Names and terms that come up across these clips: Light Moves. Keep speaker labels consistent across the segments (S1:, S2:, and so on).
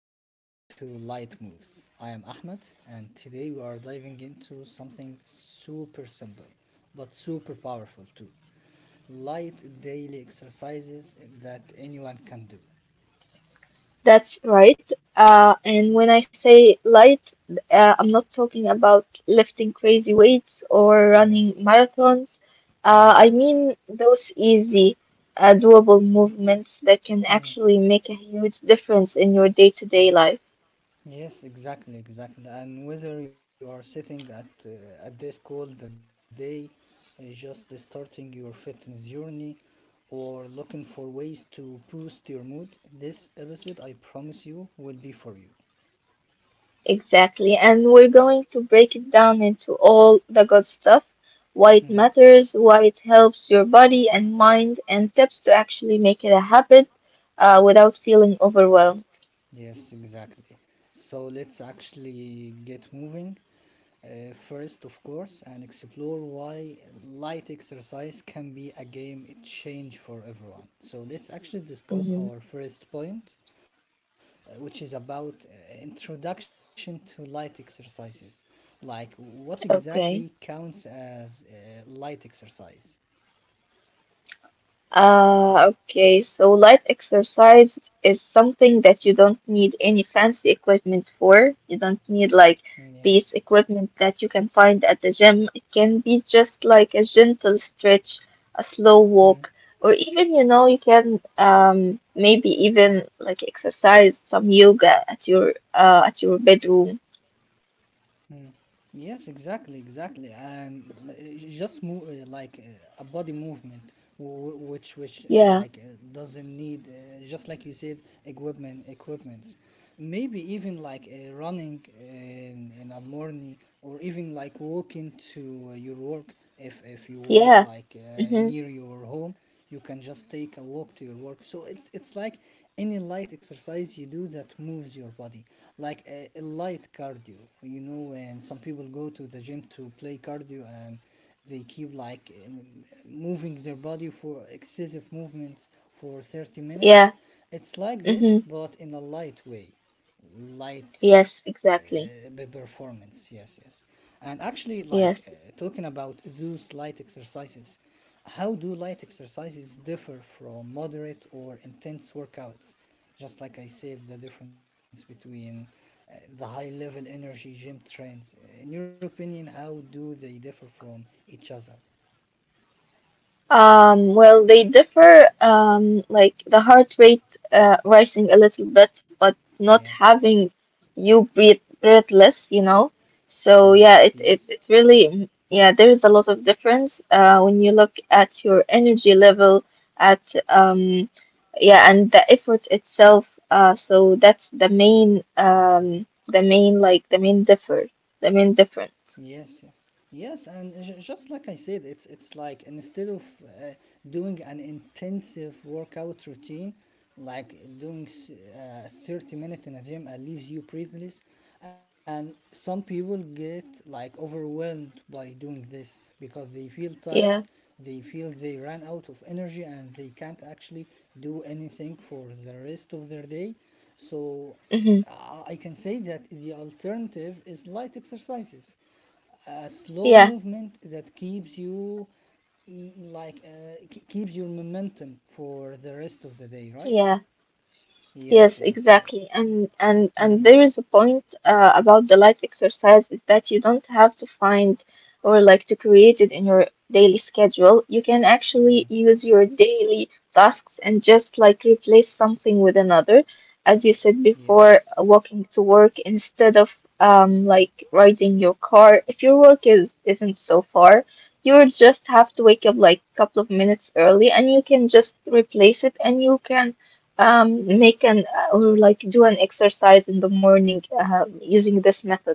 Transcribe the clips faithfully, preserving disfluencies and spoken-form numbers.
S1: welcome back to Light Moves. I am Ahmed, and today we are diving into something super simple but super powerful too, light daily exercises that anyone can do.
S2: That's right. Uh, and when I say light, uh, I'm not talking about lifting crazy weights or
S1: Yes.
S2: running marathons.
S1: Mm.
S2: Uh, I mean those easy, uh, doable movements that can
S1: Mm.
S2: actually make a huge difference in your day-to-day life.
S1: Yes, exactly, exactly. And whether you are sitting at uh, a desk all the day, uh, just starting your fitness journey, or looking for ways to boost your mood, this episode, I promise you, will be for you.
S2: Exactly. And we're going to break it down into all the good stuff, why
S1: Mm.
S2: it matters, why it helps your body and mind, and tips to actually make it a habit, uh, without feeling overwhelmed.
S1: Yes, exactly. So let's actually get moving. Uh, first, of course, and explore why light exercise can be a game change for everyone. So, let's actually discuss
S2: Mhm.
S1: our first point, uh, which is about uh, introduction to light exercises. Like, what exactly counts
S2: Okay.
S1: as uh, light exercise?
S2: Uh, okay, so light exercise is something that you don't need any fancy equipment for. You don't
S1: Mm,
S2: need like
S1: yes.
S2: these equipment that you can find at the gym. It can be just like a gentle stretch, a
S1: Hmm.
S2: slow walk, or even, you know, you can um maybe even like exercise some yoga at your uh at your bedroom.
S1: Mm. Yes, exactly, exactly, and uh, j- just move uh, like uh, a body movement, wh- which which uh, like uh,
S2: Yeah.
S1: doesn't need, uh, just like you said, equipment equipments, maybe even like uh, running in, in a morning, or even like walking to uh, your work if if you work like
S2: Yeah.
S1: uh, near
S2: Mm-hmm.
S1: your home. You can just take a walk to your work, so it's it's like any light exercise you do that moves your body, like a, a light cardio. You know, when some people go to the gym to play cardio and they keep like um, moving their body for excessive movements for thirty minutes,
S2: Yeah.
S1: it's like this
S2: Mm-hmm.
S1: but in a light way, light
S2: Yes,
S1: uh, the
S2: exactly.
S1: performance. Yes, yes. And actually, like, uh,
S2: Yes.
S1: talking about those light exercises, how do light exercises differ from moderate or intense workouts? Just like I said, the difference between uh, the high level energy gym trains, in your opinion, how do they differ from each other?
S2: Um, well, they differ, um, like the heart rate uh, rising a little bit, but not having
S1: Yes,
S2: you breathe, breathe less, you know. So
S1: yes,
S2: yeah, it,
S1: yes.
S2: it, it really, yeah, there is a lot of difference uh, when you look at your energy level, at um, yeah, and the effort itself. Uh, so that's the main, um, the main like the main differ, the main difference.
S1: Yes, yes, yes, and j- just like I said, it's it's like, instead of uh, doing an intensive workout routine, like doing s- uh, thirty minutes in a gym and leaves you breathless, and some people get like overwhelmed by doing this because they feel tired,
S2: Yeah.
S1: they feel they ran out of energy, and they can't actually do anything for the rest of their day. So
S2: hmm
S1: uh, I can say that the alternative is light exercises, a slow
S2: Yeah.
S1: movement that keeps you, mm, like uh, k- keeps your momentum for the rest of the day,
S2: Yeah.
S1: right?
S2: Yes,
S1: Yes, yes,
S2: exactly.
S1: yes.
S2: And and and there
S1: Mm.
S2: is a point uh, about the light exercise is that you don't have to find or like to create it in your daily schedule. You can actually
S1: Mm,
S2: use your daily tasks and just like replace something with another, as you said before,
S1: yes.
S2: uh, walking to work instead of um like riding your car. If your work is isn't so far, you would just have to wake up like a couple of minutes early and you can just replace it and you can um, Nick and they can uh, or like do an exercise in the morning uh, using this method.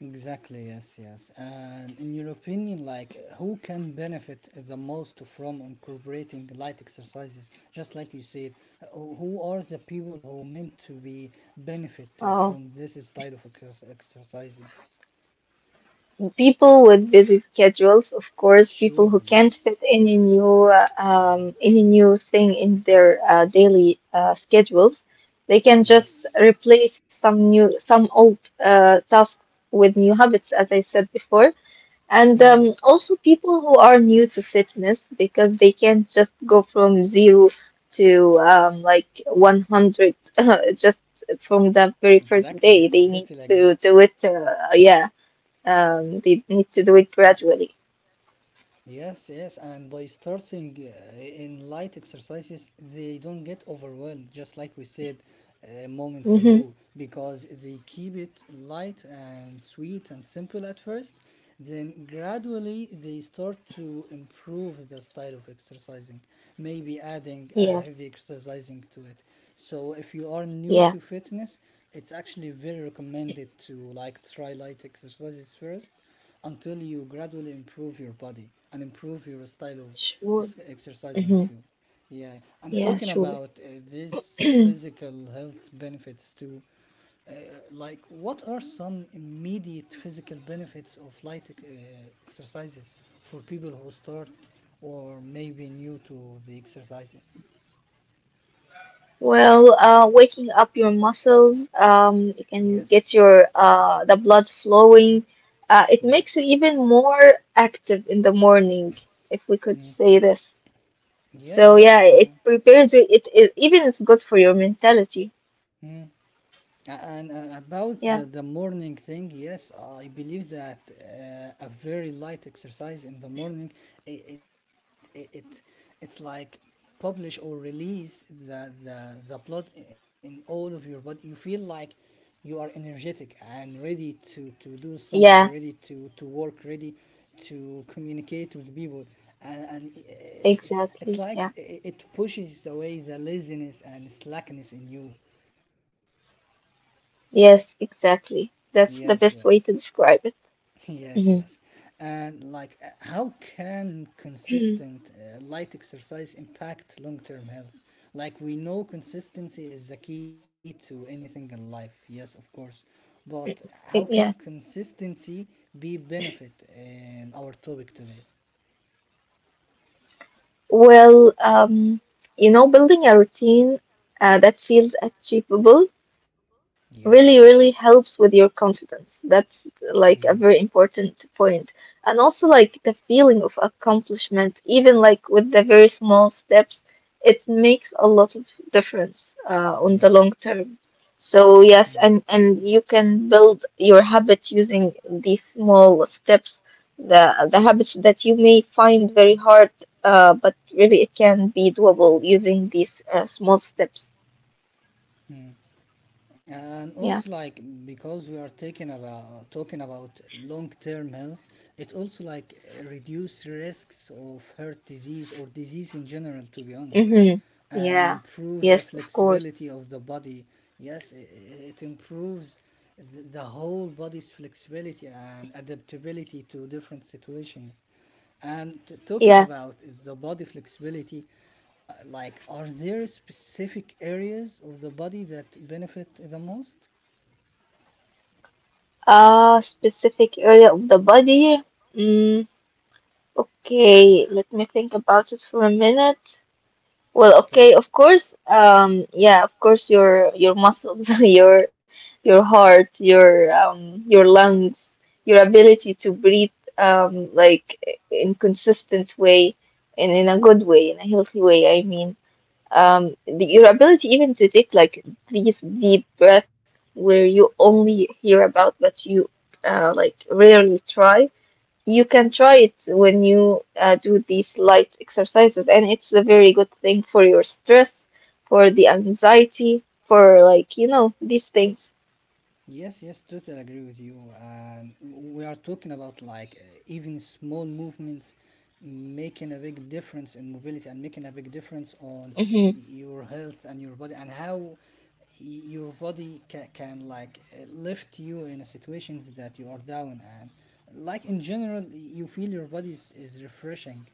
S1: Exactly, yes, yes. And in your opinion, like, who can benefit the most from incorporating light exercises? Just like you said, who who are the people who meant to be benefit
S2: Uh,
S1: from this style of exer- exercising?
S2: People with busy schedules, of course, people
S1: Sure,
S2: who can't fit
S1: yes,
S2: any new uh, um, any new thing in their uh, daily uh, schedules, they can
S1: yes.
S2: just replace some new some old uh, tasks with new habits, as I said before. And
S1: Hmm,
S2: um, also people who are new to fitness because they can't just go from zero to um, like one hundred just from the very
S1: exactly,
S2: first
S1: yes,
S2: day. They
S1: totally
S2: need
S1: agree.
S2: to do it, uh, yeah, um, they need to do it gradually.
S1: Yes, yes, and by starting uh, in light exercises, they don't get overwhelmed, just like we said uh, moments
S2: hmm
S1: ago, because they keep it light and sweet and simple at first. Then gradually they start to improve the style of exercising, maybe adding a
S2: Yes,
S1: heavy exercising to it. So if you are new
S2: yeah,
S1: to fitness, it's actually very recommended to like try light exercises first, until you gradually improve your body and improve your style of
S2: sure.
S1: ex- exercising
S2: hmm
S1: too. Yeah, I'm
S2: Yeah,
S1: talking
S2: sure.
S1: about uh, these physical health benefits too. Uh, like, what are some immediate physical benefits of light uh, exercises for people who start or maybe new to the exercises?
S2: Well, uh, waking up your muscles, um, you can
S1: Yes,
S2: get your uh, the blood flowing. Uh, it
S1: yes,
S2: makes you even more active in the morning, if we could
S1: mm.
S2: say this.
S1: Yes,
S2: So
S1: yes.
S2: yeah, it
S1: Uh,
S2: prepares you. It, it even it's good for your mentality.
S1: mm. And uh, about
S2: Yeah.
S1: the, the morning thing, yes, I believe that uh, a very light exercise in the morning, it, it, it, it it's like publish or release the, the the blood in all of your body. You feel like you are energetic and ready to to do something, ready
S2: Yeah,
S1: to to work, ready to communicate with people, and, and uh, it, it's like
S2: exactly. Yeah.
S1: it pushes away the laziness and slackness in you.
S2: Yes, exactly. That's the
S1: Yes,
S2: best
S1: yes.
S2: way to describe it.
S1: Yes, yes.
S2: Mhm.
S1: And like, uh, how can consistent uh, light exercise impact long-term health? Like, we know consistency is the key to anything in life. Yes, of course. But how
S2: Yeah.
S1: can consistency be benefit in our topic today?
S2: Well, um, you know, building a routine uh, that feels achievable really really
S1: Yes.
S2: helps with your confidence. That's like a very
S1: Mm,
S2: important point, and also like the feeling of accomplishment, even like with the very small steps, it makes a lot of difference uh, on the long term.
S1: yes.
S2: So yes,
S1: Mm.
S2: and and you can build your habit using these small steps, the the habits that you may find very hard, uh, but really it can be doable using these uh, small steps.
S1: Mm. And also,
S2: Yeah.
S1: like, because we are taking about talking about long-term health, it also like uh, reduce risks of heart disease or disease in general, to be honest,
S2: Mm-hmm.
S1: and
S2: Yeah.
S1: improve the
S2: Yes, of
S1: flexibility
S2: course.
S1: of the body. Yes, i- i- it improves the the whole body's flexibility and adaptability to different situations. And t- talking
S2: Yeah.
S1: about the body flexibility, uh, like, are there specific areas of the body that benefit the most?
S2: Uh, specific area of the body. Mm, Okay, let me think about it for a minute. Well, okay,
S1: Okay.
S2: of course. Um, yeah, of course your your muscles, your your heart, your um your lungs, your ability to breathe um like in consistent way and in a good way, in a healthy way, I mean. Um the, your ability even to take like these deep breaths where you only hear about, but you uh like rarely try. You can try it when you uh, do these light exercises, and it's a very good thing for your stress, for the anxiety, for like you know these things.
S1: Yes, yes, totally agree with you. Um, we are talking about like uh, even small movements making a big difference in mobility and making a big difference on
S2: hmm
S1: your health and your body, and how your body ca- can like uh, lift you in a situation that you are down. And like in general, you feel your body is, is refreshing,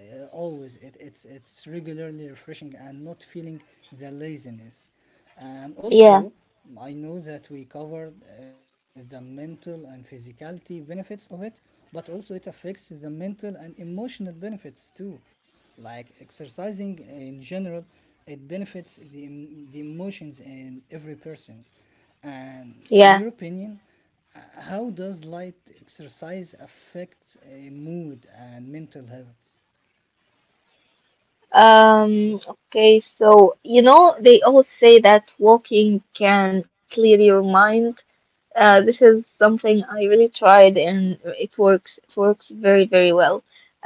S1: uh, always, it, it's it's regularly refreshing and not feeling the laziness. And
S2: yeah.
S1: also, I know that we covered uh, the mental and physicality benefits of it, but also it affects the mental and emotional benefits too. Like exercising in general, it benefits the, em- the emotions in every person. And in
S2: Yeah.
S1: your opinion, uh, how does light exercise affect uh, mood and mental health?
S2: Um okay, so you know they all say that walking can clear your mind. Uh, this is
S1: Yes,
S2: something I really tried and it works. It works very, very well.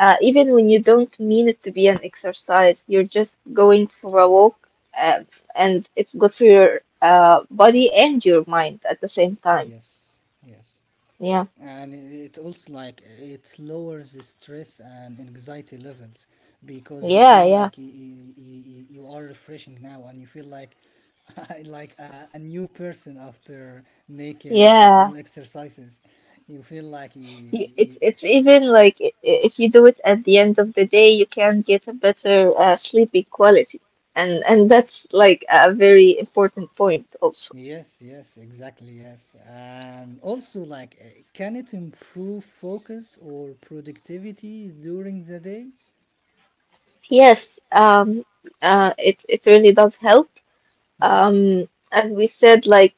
S2: Uh, even when you don't mean it to be an exercise, you're just going for a walk, uh, and it's good for your uh, body and your mind at the same time.
S1: yes. Yes,
S2: Yeah,
S1: and it also like it lowers the stress and anxiety levels because you
S2: yeah,
S1: feel
S2: yeah,
S1: like you, you, you are refreshing now, and you feel like like a, a new person after making s- some
S2: yeah.
S1: exercises. You feel like you,
S2: Y-
S1: you,
S2: It's it's even like i- i- if you do it at the end of the day, you can get a better uh, sleeping quality, and and that's like a very important point also.
S1: yes, yes, exactly. Yes, and also like, uh, can it improve focus or productivity during the day?
S2: Yes, um, uh, it it really does help.
S1: Hmm?
S2: Um, as we said, like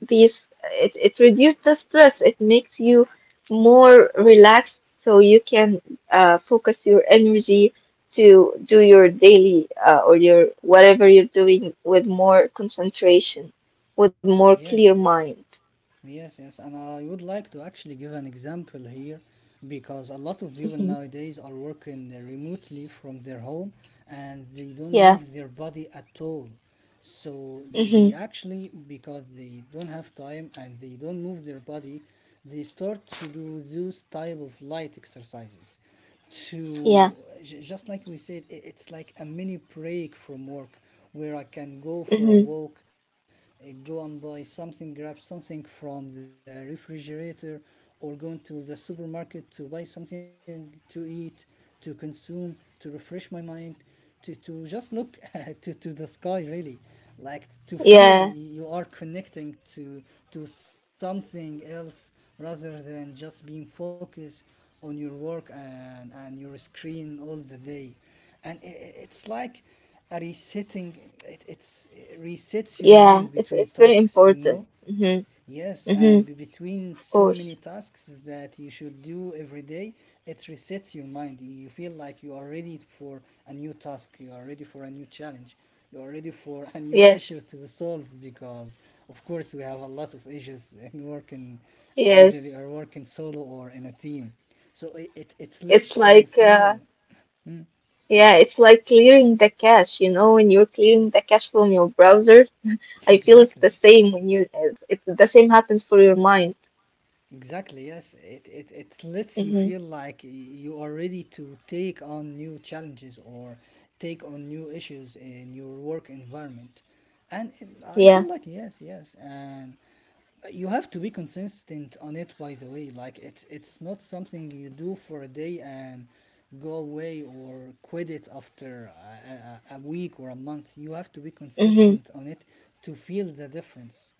S2: these, it it reduces the stress. It makes you more relaxed, so you can uh, focus your energy to do your daily uh, or your whatever you're doing with more concentration, with more
S1: Yes. Eh.
S2: clear mind.
S1: Yes, yes, and I would like to actually give an example here, because a lot of people
S2: hmm
S1: nowadays are working remotely from their home and they don't
S2: Yeah.
S1: move their body at all. So they, they
S2: hmm
S1: actually, because they don't have time and they don't move their body, they start to do those type of light exercises
S2: Yeah.
S1: to j- just like we said, i- it's like a mini break from work, where I can go for a
S2: hmm
S1: walk, uh, go and buy something, grab something from the refrigerator, or going to the supermarket to buy something to eat, to consume, to refresh my mind, to, to just look to, to the sky, really. Like to
S2: Yeah.
S1: feel y- you are connecting to, to something else rather than just being focused on your work and, and your screen all the day. And i i- it's like a resetting, it it's it resets your
S2: Yeah.
S1: mind
S2: It's it's
S1: between
S2: very
S1: tasks, you know.
S2: important. hmm
S1: Yes,
S2: hmm
S1: and be- between
S2: Of
S1: so
S2: course.
S1: many tasks that you should do every day, it resets your mind, you feel like you are ready for a new task, you are ready for a new challenge, you are ready for a new
S2: Yes.
S1: issue to solve, because of course we have a lot of issues in working,
S2: Yes,
S1: either you are working solo or in a team. So it it, it
S2: it's
S1: lets
S2: like
S1: you
S2: uh,
S1: feel mm,
S2: yeah, it's like clearing the cache, you know, when you're clearing the cache from your browser. I feel it's the
S1: exactly.
S2: same when you it's the same happens for your mind.
S1: Exactly, yes. It, it, it lets you
S2: Mm-hmm.
S1: feel like y- you are ready to take on new challenges or take on new issues in your work environment. And it, I feel
S2: Yeah.
S1: like, yes, yes. And you have to be consistent on it, by the way. Like, it's, it's not something you do for a day and go away or quit it after a, a, a a week or a month. You have to be
S2: Mm-hmm.
S1: consistent on it to feel the difference.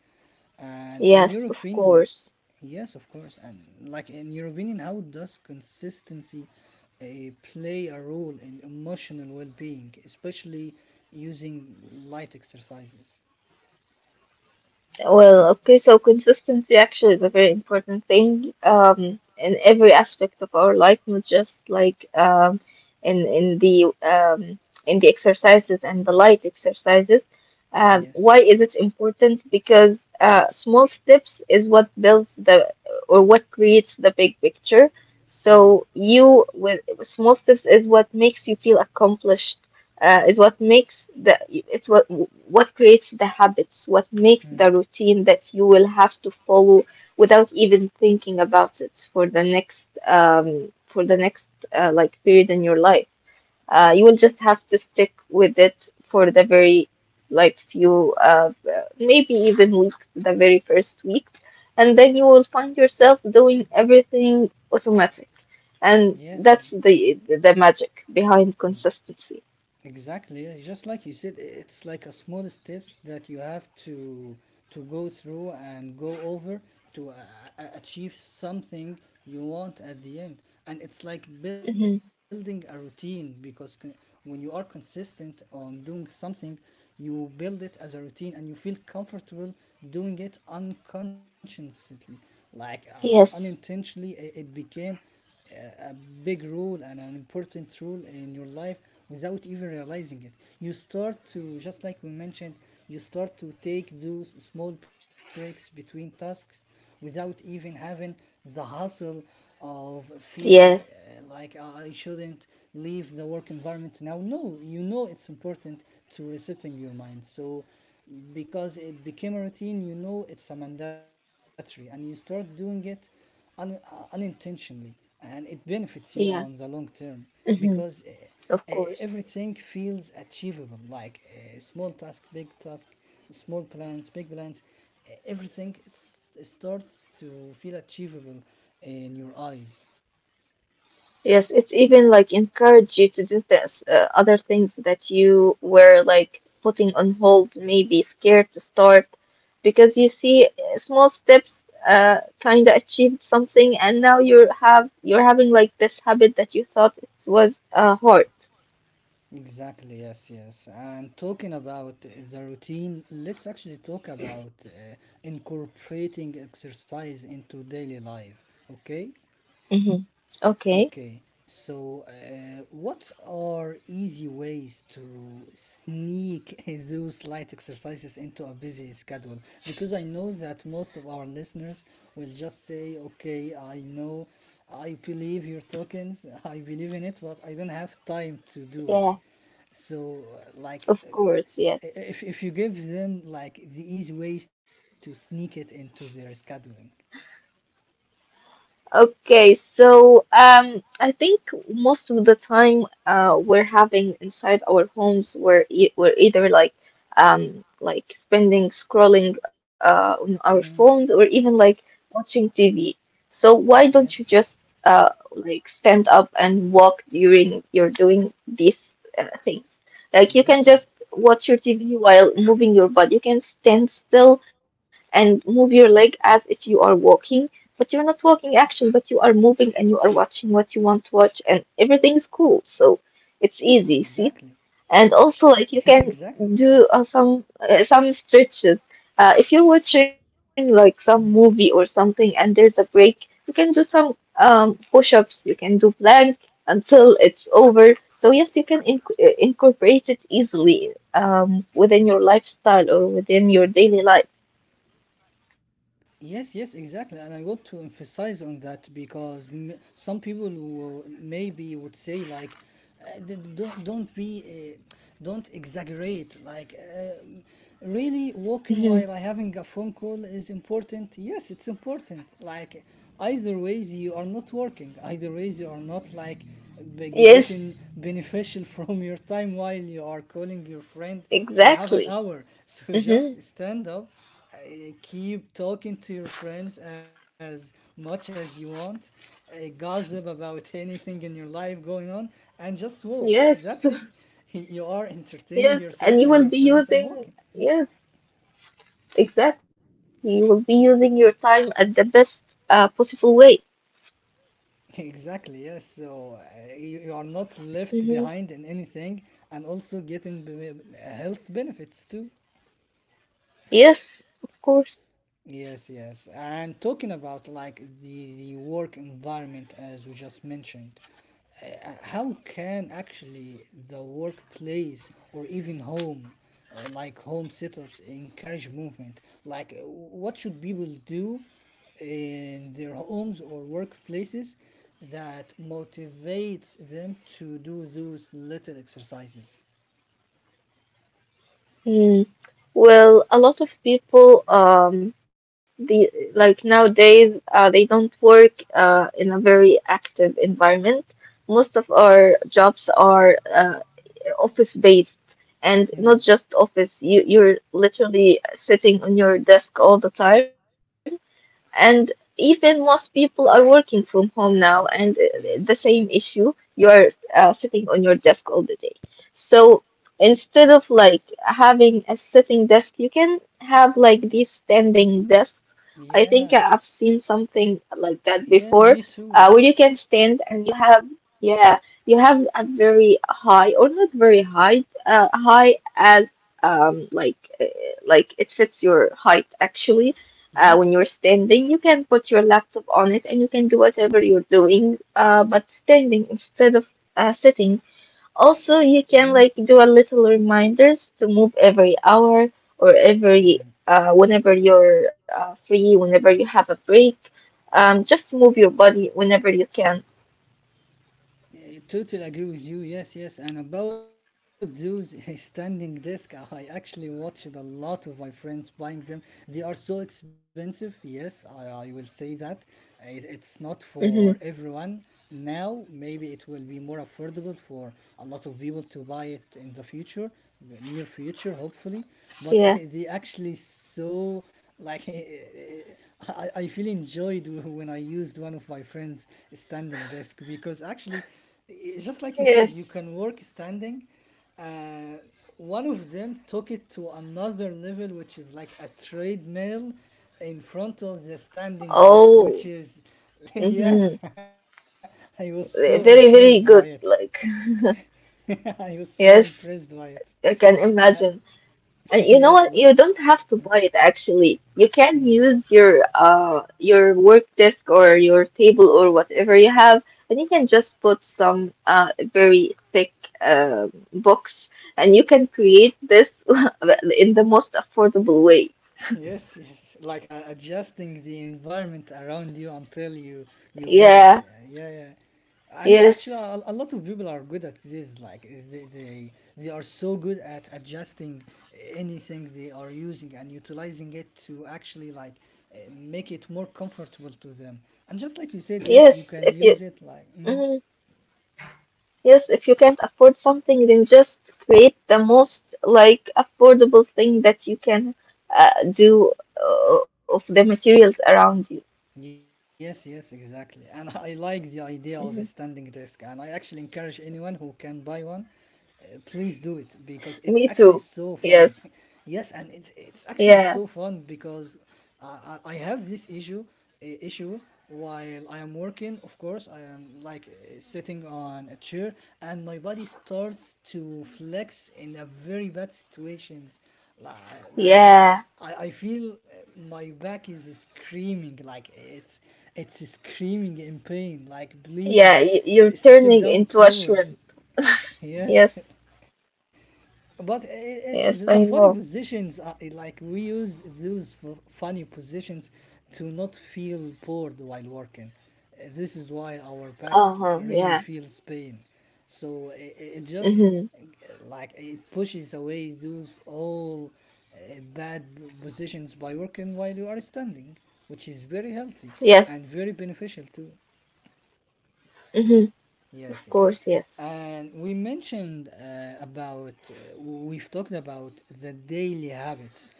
S1: And in your
S2: Yes, of
S1: opinion,
S2: course.
S1: yes, of course. And like, in your opinion, how does consistency uh, play a role in emotional well-being, especially using light exercises?
S2: Well, okay, so consistency actually is a very important thing um, in every aspect of our life, not just like um, in in the um, in the exercises and the light exercises. Um,
S1: Yes.
S2: why is it important? Because uh, small steps is what builds the or what creates the big picture.
S1: Hmm.
S2: So you with small steps is what makes you feel accomplished, uh, is what makes the it's what what creates the habits, what makes
S1: Hmm.
S2: the routine that you will have to follow without even thinking about it for the next um for the next uh, like period in your life. Uh, you will just have to stick with it for the very like few uh uh, maybe even weeks, the very first week, and then you will find yourself doing everything automatic. And
S1: Yes. Hmm.
S2: that's the the magic behind consistency.
S1: Exactly. Yeah, just like you said, it's like a small steps that you have to to go through and go over to uh, uh, achieve something you want at the end. And it's like building
S2: Mm-hmm.
S1: a routine, because con- when you are consistent on doing something, you build it as a routine and you feel comfortable doing it unconsciously. Like uh, un-
S2: Yes,
S1: unintentionally, i- it became a big role and an important role in your life without even realizing it. You start to, just like we mentioned, you start to take those small breaks between tasks without even having the hustle of feeling,
S2: yes,
S1: uh, like, "Ah, I shouldn't leave the work environment now." No, you know it's important to resetting your mind. So, because it became a routine, you know it's a mandatory, and you start doing it un- unintentionally, and it benefits you on the long
S2: yeah,
S1: term, because
S2: hmm
S1: uh, e-
S2: of course.
S1: everything feels achievable, like, uh, small task, big task, small plans, big plans, e- everything, it's, it starts to feel achievable in your eyes.
S2: Yes, it's even like encourage you to do this, uh, other things that you were like putting on hold, maybe scared to start, because you see uh, small steps uh kind of achieved something, and now you're have you're having like this habit that you thought it was uh hard.
S1: Exactly, yes, yes. And talking about the routine, let's actually talk about uh, incorporating exercise into daily life, okay?
S2: Mm-hmm. Okay.
S1: Okay, so uh, what are easy ways to sneak those light exercises into a busy schedule? Because I know that most of our listeners will just say, okay, I know, I believe your tokens, I believe in it, but I don't have time to do it.
S2: Yeah,
S1: So, uh, like,
S2: of
S1: um,
S2: course. Yes.
S1: i- if, if you give them like the easy ways to sneak it into their scheduling.
S2: Okay, so um, I think most of the time uh, we're having inside our homes, we're e we're either like um like spending scrolling uh on our
S1: Mm,
S2: phones or even like watching T V. So why
S1: yes.
S2: don't you just uh like stand up and walk during you're doing these uh, things? Like you can
S1: Exactly.
S2: just watch your T V while moving your body. You can stand still and move your leg as if you are walking, but you're not walking action, but you are moving and you are watching what you want to watch, and everything is cool. So it's
S1: Exactly.
S2: easy, see? And also, like, you
S1: Exactly.
S2: can do uh, some uh, some stretches. Uh, if you're watching like some movie or something and there's a break, you can do some um, push-ups, you can do plank until it's over. So yes, you can inc- uh, incorporate it easily um, within your lifestyle or within your daily life.
S1: Yes, yes, exactly. And I want to emphasize on that because m- some people will maybe would say like, uh, d- d- don't don't be, uh, don't exaggerate. Like, uh, really walking while
S2: hmm
S1: having a phone call is important. Yes, it's important. Like, either ways you are not working. Either ways you are not like be- getting
S2: Yes,
S1: beneficial from your time while you are calling your friend for half an hour.
S2: exactly.
S1: So just
S2: hmm
S1: stand up, uh, keep talking to your friends as much as you want, uh, gossip about anything in your life going on, and just walk. That's it.
S2: Yes,
S1: You are entertaining yourself
S2: yes,
S1: and your
S2: and
S1: friends
S2: you
S1: and
S2: will be
S1: walking.
S2: using, yes, exactly. You will be using your time at the best uh, possible way.
S1: Exactly, yes. So uh, you, you are not left behind in
S2: hmm
S1: anything and also getting b- b- health benefits too.
S2: Yes, of course.
S1: Yes, yes. And talking about like the the work environment as we just mentioned, uh, how can actually the workplace or even home, uh, like home setups, encourage movement? Like, uh, what should people do in their homes or workplaces that motivates them to do those little exercises?
S2: Mm. Well, a lot of people, um, the like nowadays, uh, they don't work uh, in a very active environment. Most of
S1: Yes.
S2: our jobs are uh, office-based,
S1: Hmm.
S2: and not just office. You you're literally sitting on your desk all the time. And even most people are working from home now, and uh, the same
S1: Yes.
S2: issue, you're uh, sitting on your desk all the day. So instead of like having a sitting desk, you can have like these standing desks. I think
S1: Yeah.
S2: I've seen something like that
S1: Yeah, me
S2: before,
S1: too.
S2: uh, where
S1: Yes.
S2: you can stand and you have, yeah, you have a very high or not very high, uh, high as um like uh, like it fits your height actually. Uh, when
S1: Yes.
S2: you're standing, you can put your laptop on it and you can do whatever you're doing, uh, but standing instead of uh, sitting.
S1: Hmm.
S2: Also, you can like do a little reminders to move every hour or
S1: Hmm.
S2: every uh, whenever you're uh, free, whenever you have a break. Um, just move your body whenever you can.
S1: I totally agree with you. Yes, yes. And about those standing desk, I actually watched a lot of my friends buying them. They are so expensive. Yes, I, I will say that. It- It's not
S2: hmm
S1: for everyone. Now, maybe it will be more affordable for a lot of people to buy it in the future, the near future, hopefully. But
S2: Yeah.
S1: they actually, so, like I, I feel enjoyed when I used one of my friends' standing desk because actually, i- just like you said, you
S2: Yes.
S1: can work standing. Uh, one of them took it to another level, which is like a treadmill in front of the standing desk,
S2: Oh.
S1: which is yes,
S2: Mm-hmm.
S1: I was so impressed by
S2: Very,
S1: it.
S2: very good. Like,
S1: I was so impressed
S2: yes,
S1: by it.
S2: I can
S1: Uh,
S2: imagine. And you
S1: yes.
S2: know
S1: Well,
S2: what? You don't have to buy it actually. You can use your uh your work desk or your table or whatever you have, and you can just put some uh very thick um books, and you can create this in the most affordable way.
S1: yes, yes. Like uh, adjusting the environment around you until you you get it. Uh,
S2: Yeah.
S1: Yeah, yeah. And
S2: Yes.
S1: actually, a, a lot of people are good at this. Like they, they they are so good at adjusting anything they are using and utilizing it to actually like uh, make it more comfortable to them. And just like you said, yes, you
S2: Yes.
S1: can
S2: If you.
S1: use it like. Mm.
S2: Mm-hmm. Yes, if you can't afford something, then just create the most like affordable thing that you can uh, do uh, of the materials around you.
S1: Yes, yes, exactly. And I like the idea of a
S2: Mhm.
S1: standing desk, and I actually encourage anyone who can buy one. Uh, please do it because it's
S2: Me
S1: actually
S2: too.
S1: so fun.
S2: Yes.
S1: Yes, and it's it's actually
S2: Yeah.
S1: so fun because I, I I have this issue uh, issue while I am working. Of course, I am like uh, sitting on a chair, and my body starts to flex in a very bad situations. Like, and and uh,
S2: Yeah.
S1: I, I feel uh, my back is screaming like it's it's screaming in pain. Like please
S2: Yeah. y- You're
S1: s- s- sit
S2: turning
S1: down,
S2: into a
S1: properly.
S2: shrimp.
S1: Yes,
S2: Yes.
S1: but uh, uh, the
S2: Yes,
S1: funny
S2: I know.
S1: positions, are uh, like we use those f- funny positions to not feel bored while working. Uh, This is why our backs
S2: Uh-huh.
S1: really
S2: Yeah.
S1: feels pain. So it, it just
S2: Mm-hmm.
S1: uh, like it pushes away those all uh, bad p- positions by working while you are standing, which is very healthy and
S2: Yes.
S1: very beneficial too.
S2: Mm-hmm.
S1: Yes,
S2: Of
S1: yes.
S2: course. Yes.
S1: And we mentioned uh, about, uh, we've talked about the daily habits.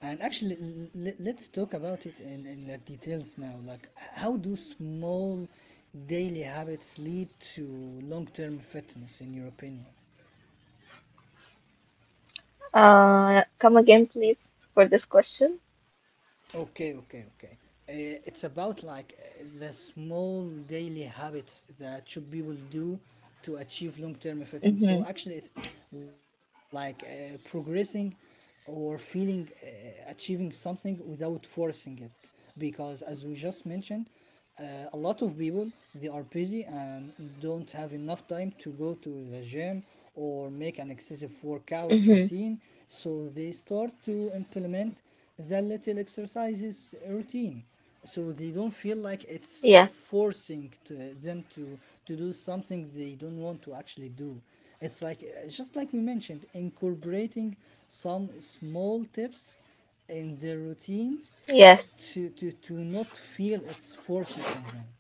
S1: And actually, l- l- let's talk about it in, in the details now. Like, h- how do small daily habits lead to long term fitness, in your opinion?
S2: Uh, come again, please, for this question.
S1: Okay, okay, okay. Uh, it's about like uh, the small daily habits that should people do to achieve long term fitness. So
S2: Mm-hmm.
S1: actually, it's like uh, progressing or feeling uh, achieving something without forcing it, because as we just mentioned, uh, a lot of people they are busy and don't have enough time to go to the gym or make an excessive workout
S2: Mm-hmm.
S1: routine, so they start to implement the little exercises routine, so they don't feel like it's
S2: Yeah.
S1: forcing to them to to do something they don't want to actually do. It's like, it's just like we mentioned, incorporating some small tips in their routines
S2: Yes.
S1: to to to not feel it's forced on them.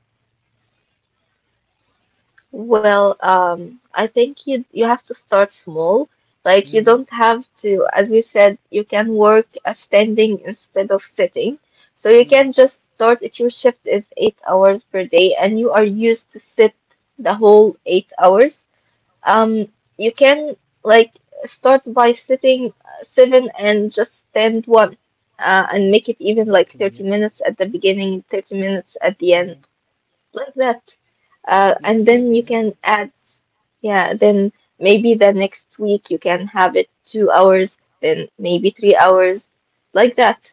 S2: Well, um, I think you you have to start small. Like you
S1: Mm,
S2: don't have to, as we said, you can work uh, standing instead of sitting. So you can
S1: mm.
S2: just start if your shift is eight hours per day and you are used to sit the whole eight hours. Um, you can like start by sitting uh, seven and just stand one, uh, and make
S1: Exactly.
S2: it even like
S1: Yes.
S2: thirty minutes at the beginning, thirty minutes at
S1: Mm.
S2: the end like that. Uh,
S1: Yes. Yes.
S2: and then you
S1: Exactly.
S2: can add, yeah, then maybe the next week you can have it two hours, then maybe three hours, like that.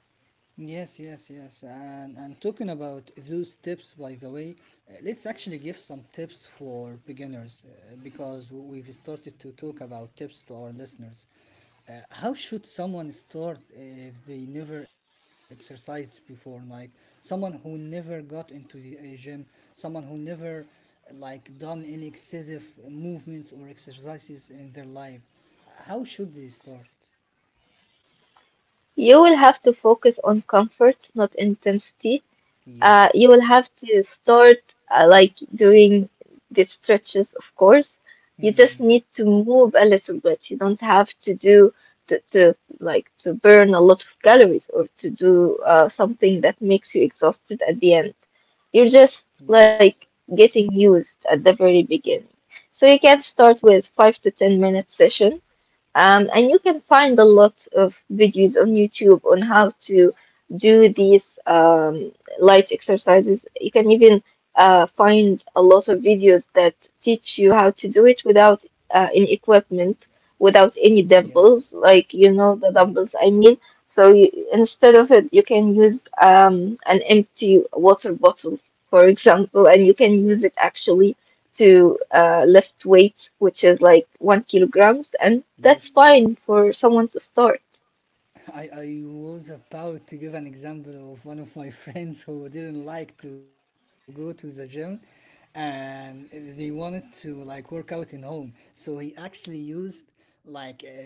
S1: Yes, yes, yes. And and talking about those tips, by the way, uh, let's actually give some tips for beginners, uh, because w- we've started to talk about tips to our listeners. Uh, how should someone start if they never exercised before? Like someone who never got into the uh, gym, someone who never uh, like done any excessive movements or exercises in their life. How should they start?
S2: You will have to focus on comfort, not intensity. Uh, you will
S1: Yes.
S2: have to start uh, like doing the stretches, of course. You just
S1: Hmm.
S2: need to move a little bit. You don't have to do to, to like to burn a lot of calories or to do uh, something that makes you exhausted at the end. You're just
S1: Yes.
S2: like getting used at the very beginning. So you can start with five to ten minute session. Um, and you can find a lot of videos on YouTube on how to do these um, light exercises. You can even uh, find a lot of videos that teach you how to do it without uh, any equipment, without any
S1: Yes.
S2: dumbbells, like you know
S1: Hmm.
S2: the dumbbells I mean. So you, instead of it, you can use um, an empty water bottle, for example, and you can use it actually to uh, lift weights, which is like one kilograms, and that's
S1: Yes.
S2: fine for someone to start.
S1: I, I was about to give an example of one of my friends who didn't like to go to the gym and they wanted to like work out in home. So he actually used like uh,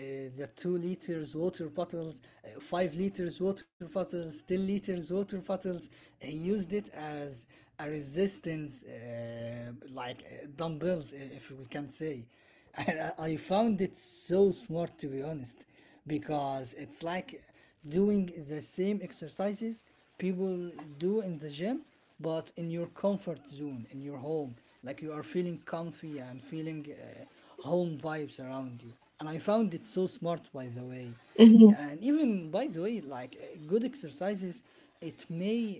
S1: the two liters water bottles, uh, five liters water bottles, ten liters water bottles. He used it as a resistance, uh, like uh, dumbbells, if we can say. I, I found it so smart, to be honest, because it's like doing the same exercises people do in the gym, but in your comfort zone in your home, like you are feeling comfy and feeling uh, home vibes around you, and I found it so smart, by the way.
S2: Hmm.
S1: And even, by the way, like uh, good exercises, it may,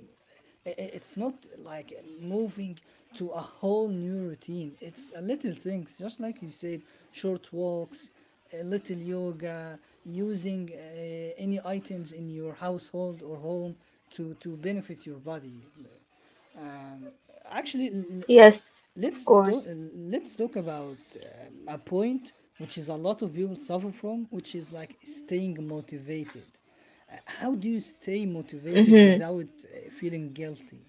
S1: i- i- it's not like moving to a whole new routine. It's a little things, just like you said, short walks, a little yoga, using uh, any items in your household or home to to benefit your body. And actually, l-
S2: Yes, of
S1: let's
S2: course.
S1: do, let's talk about um, a point which is a lot of people suffer from, which is like staying motivated. Uh, How do you stay motivated
S2: Hmm.
S1: without uh, feeling guilty?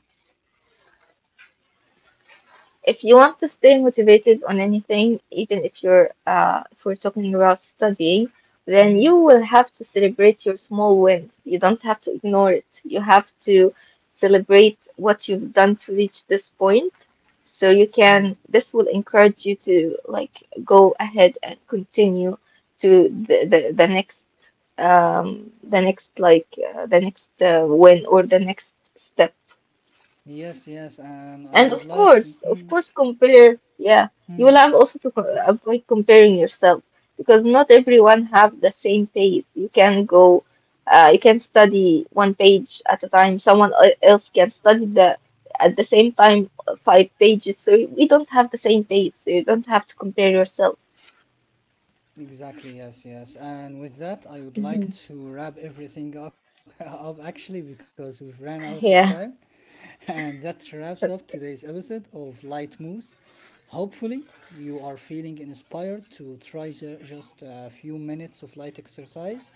S2: If you want to stay motivated on anything, even if you're uh, if we're talking about studying, then you
S1: Hmm,
S2: will have to celebrate your small wins. You don't have to ignore it. You have to celebrate what you've done to reach this point.
S1: hmm.
S2: So you can, this will encourage you to like go ahead and continue to the, the, the next um the next like uh, the next uh, win or the next step
S1: Yes, yes, and I
S2: and of
S1: would like to.
S2: course, of
S1: Hmm,
S2: course, compare. Yeah, you will
S1: hmm.
S2: have also to co- avoid comparing yourself because not everyone have the same pace. You can go, uh, you can study one page at a time. Someone el- else can study the at the same time uh, five pages. So we don't have the same pace. So you don't have to compare yourself.
S1: Exactly, yes, yes. And with that, I would like
S2: Mhm.
S1: to wrap everything up, up actually, because we've ran out of time.
S2: Yeah.
S1: And that wraps up today's episode of Light Moves. Hopefully, you are feeling inspired to try ju- just a few minutes of light exercise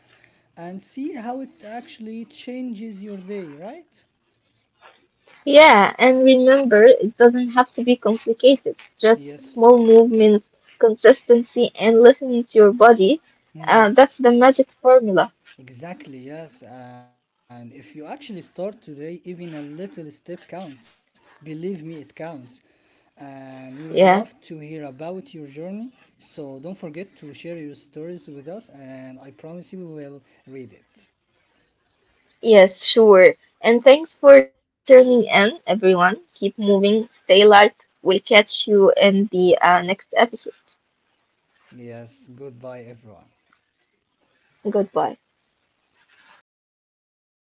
S1: and see how it actually changes your day, right?
S2: Yeah, and remember, it doesn't have to be complicated. Just small
S1: Yes.
S2: movements, consistency, and listening to your body.
S1: Hmm.
S2: Uh, that's the magic formula.
S1: Exactly, yes. And if you actually start today, even a little step counts. Believe me, it counts. And we would love to
S2: Yeah,
S1: hear about your journey. So don't forget to share your stories with us, and I promise you we will read it.
S2: yes, sure. And thanks for turning in, everyone. Keep moving, stay light. We'll catch you in the uh, next episode.
S1: Yes, goodbye, everyone.
S2: Goodbye.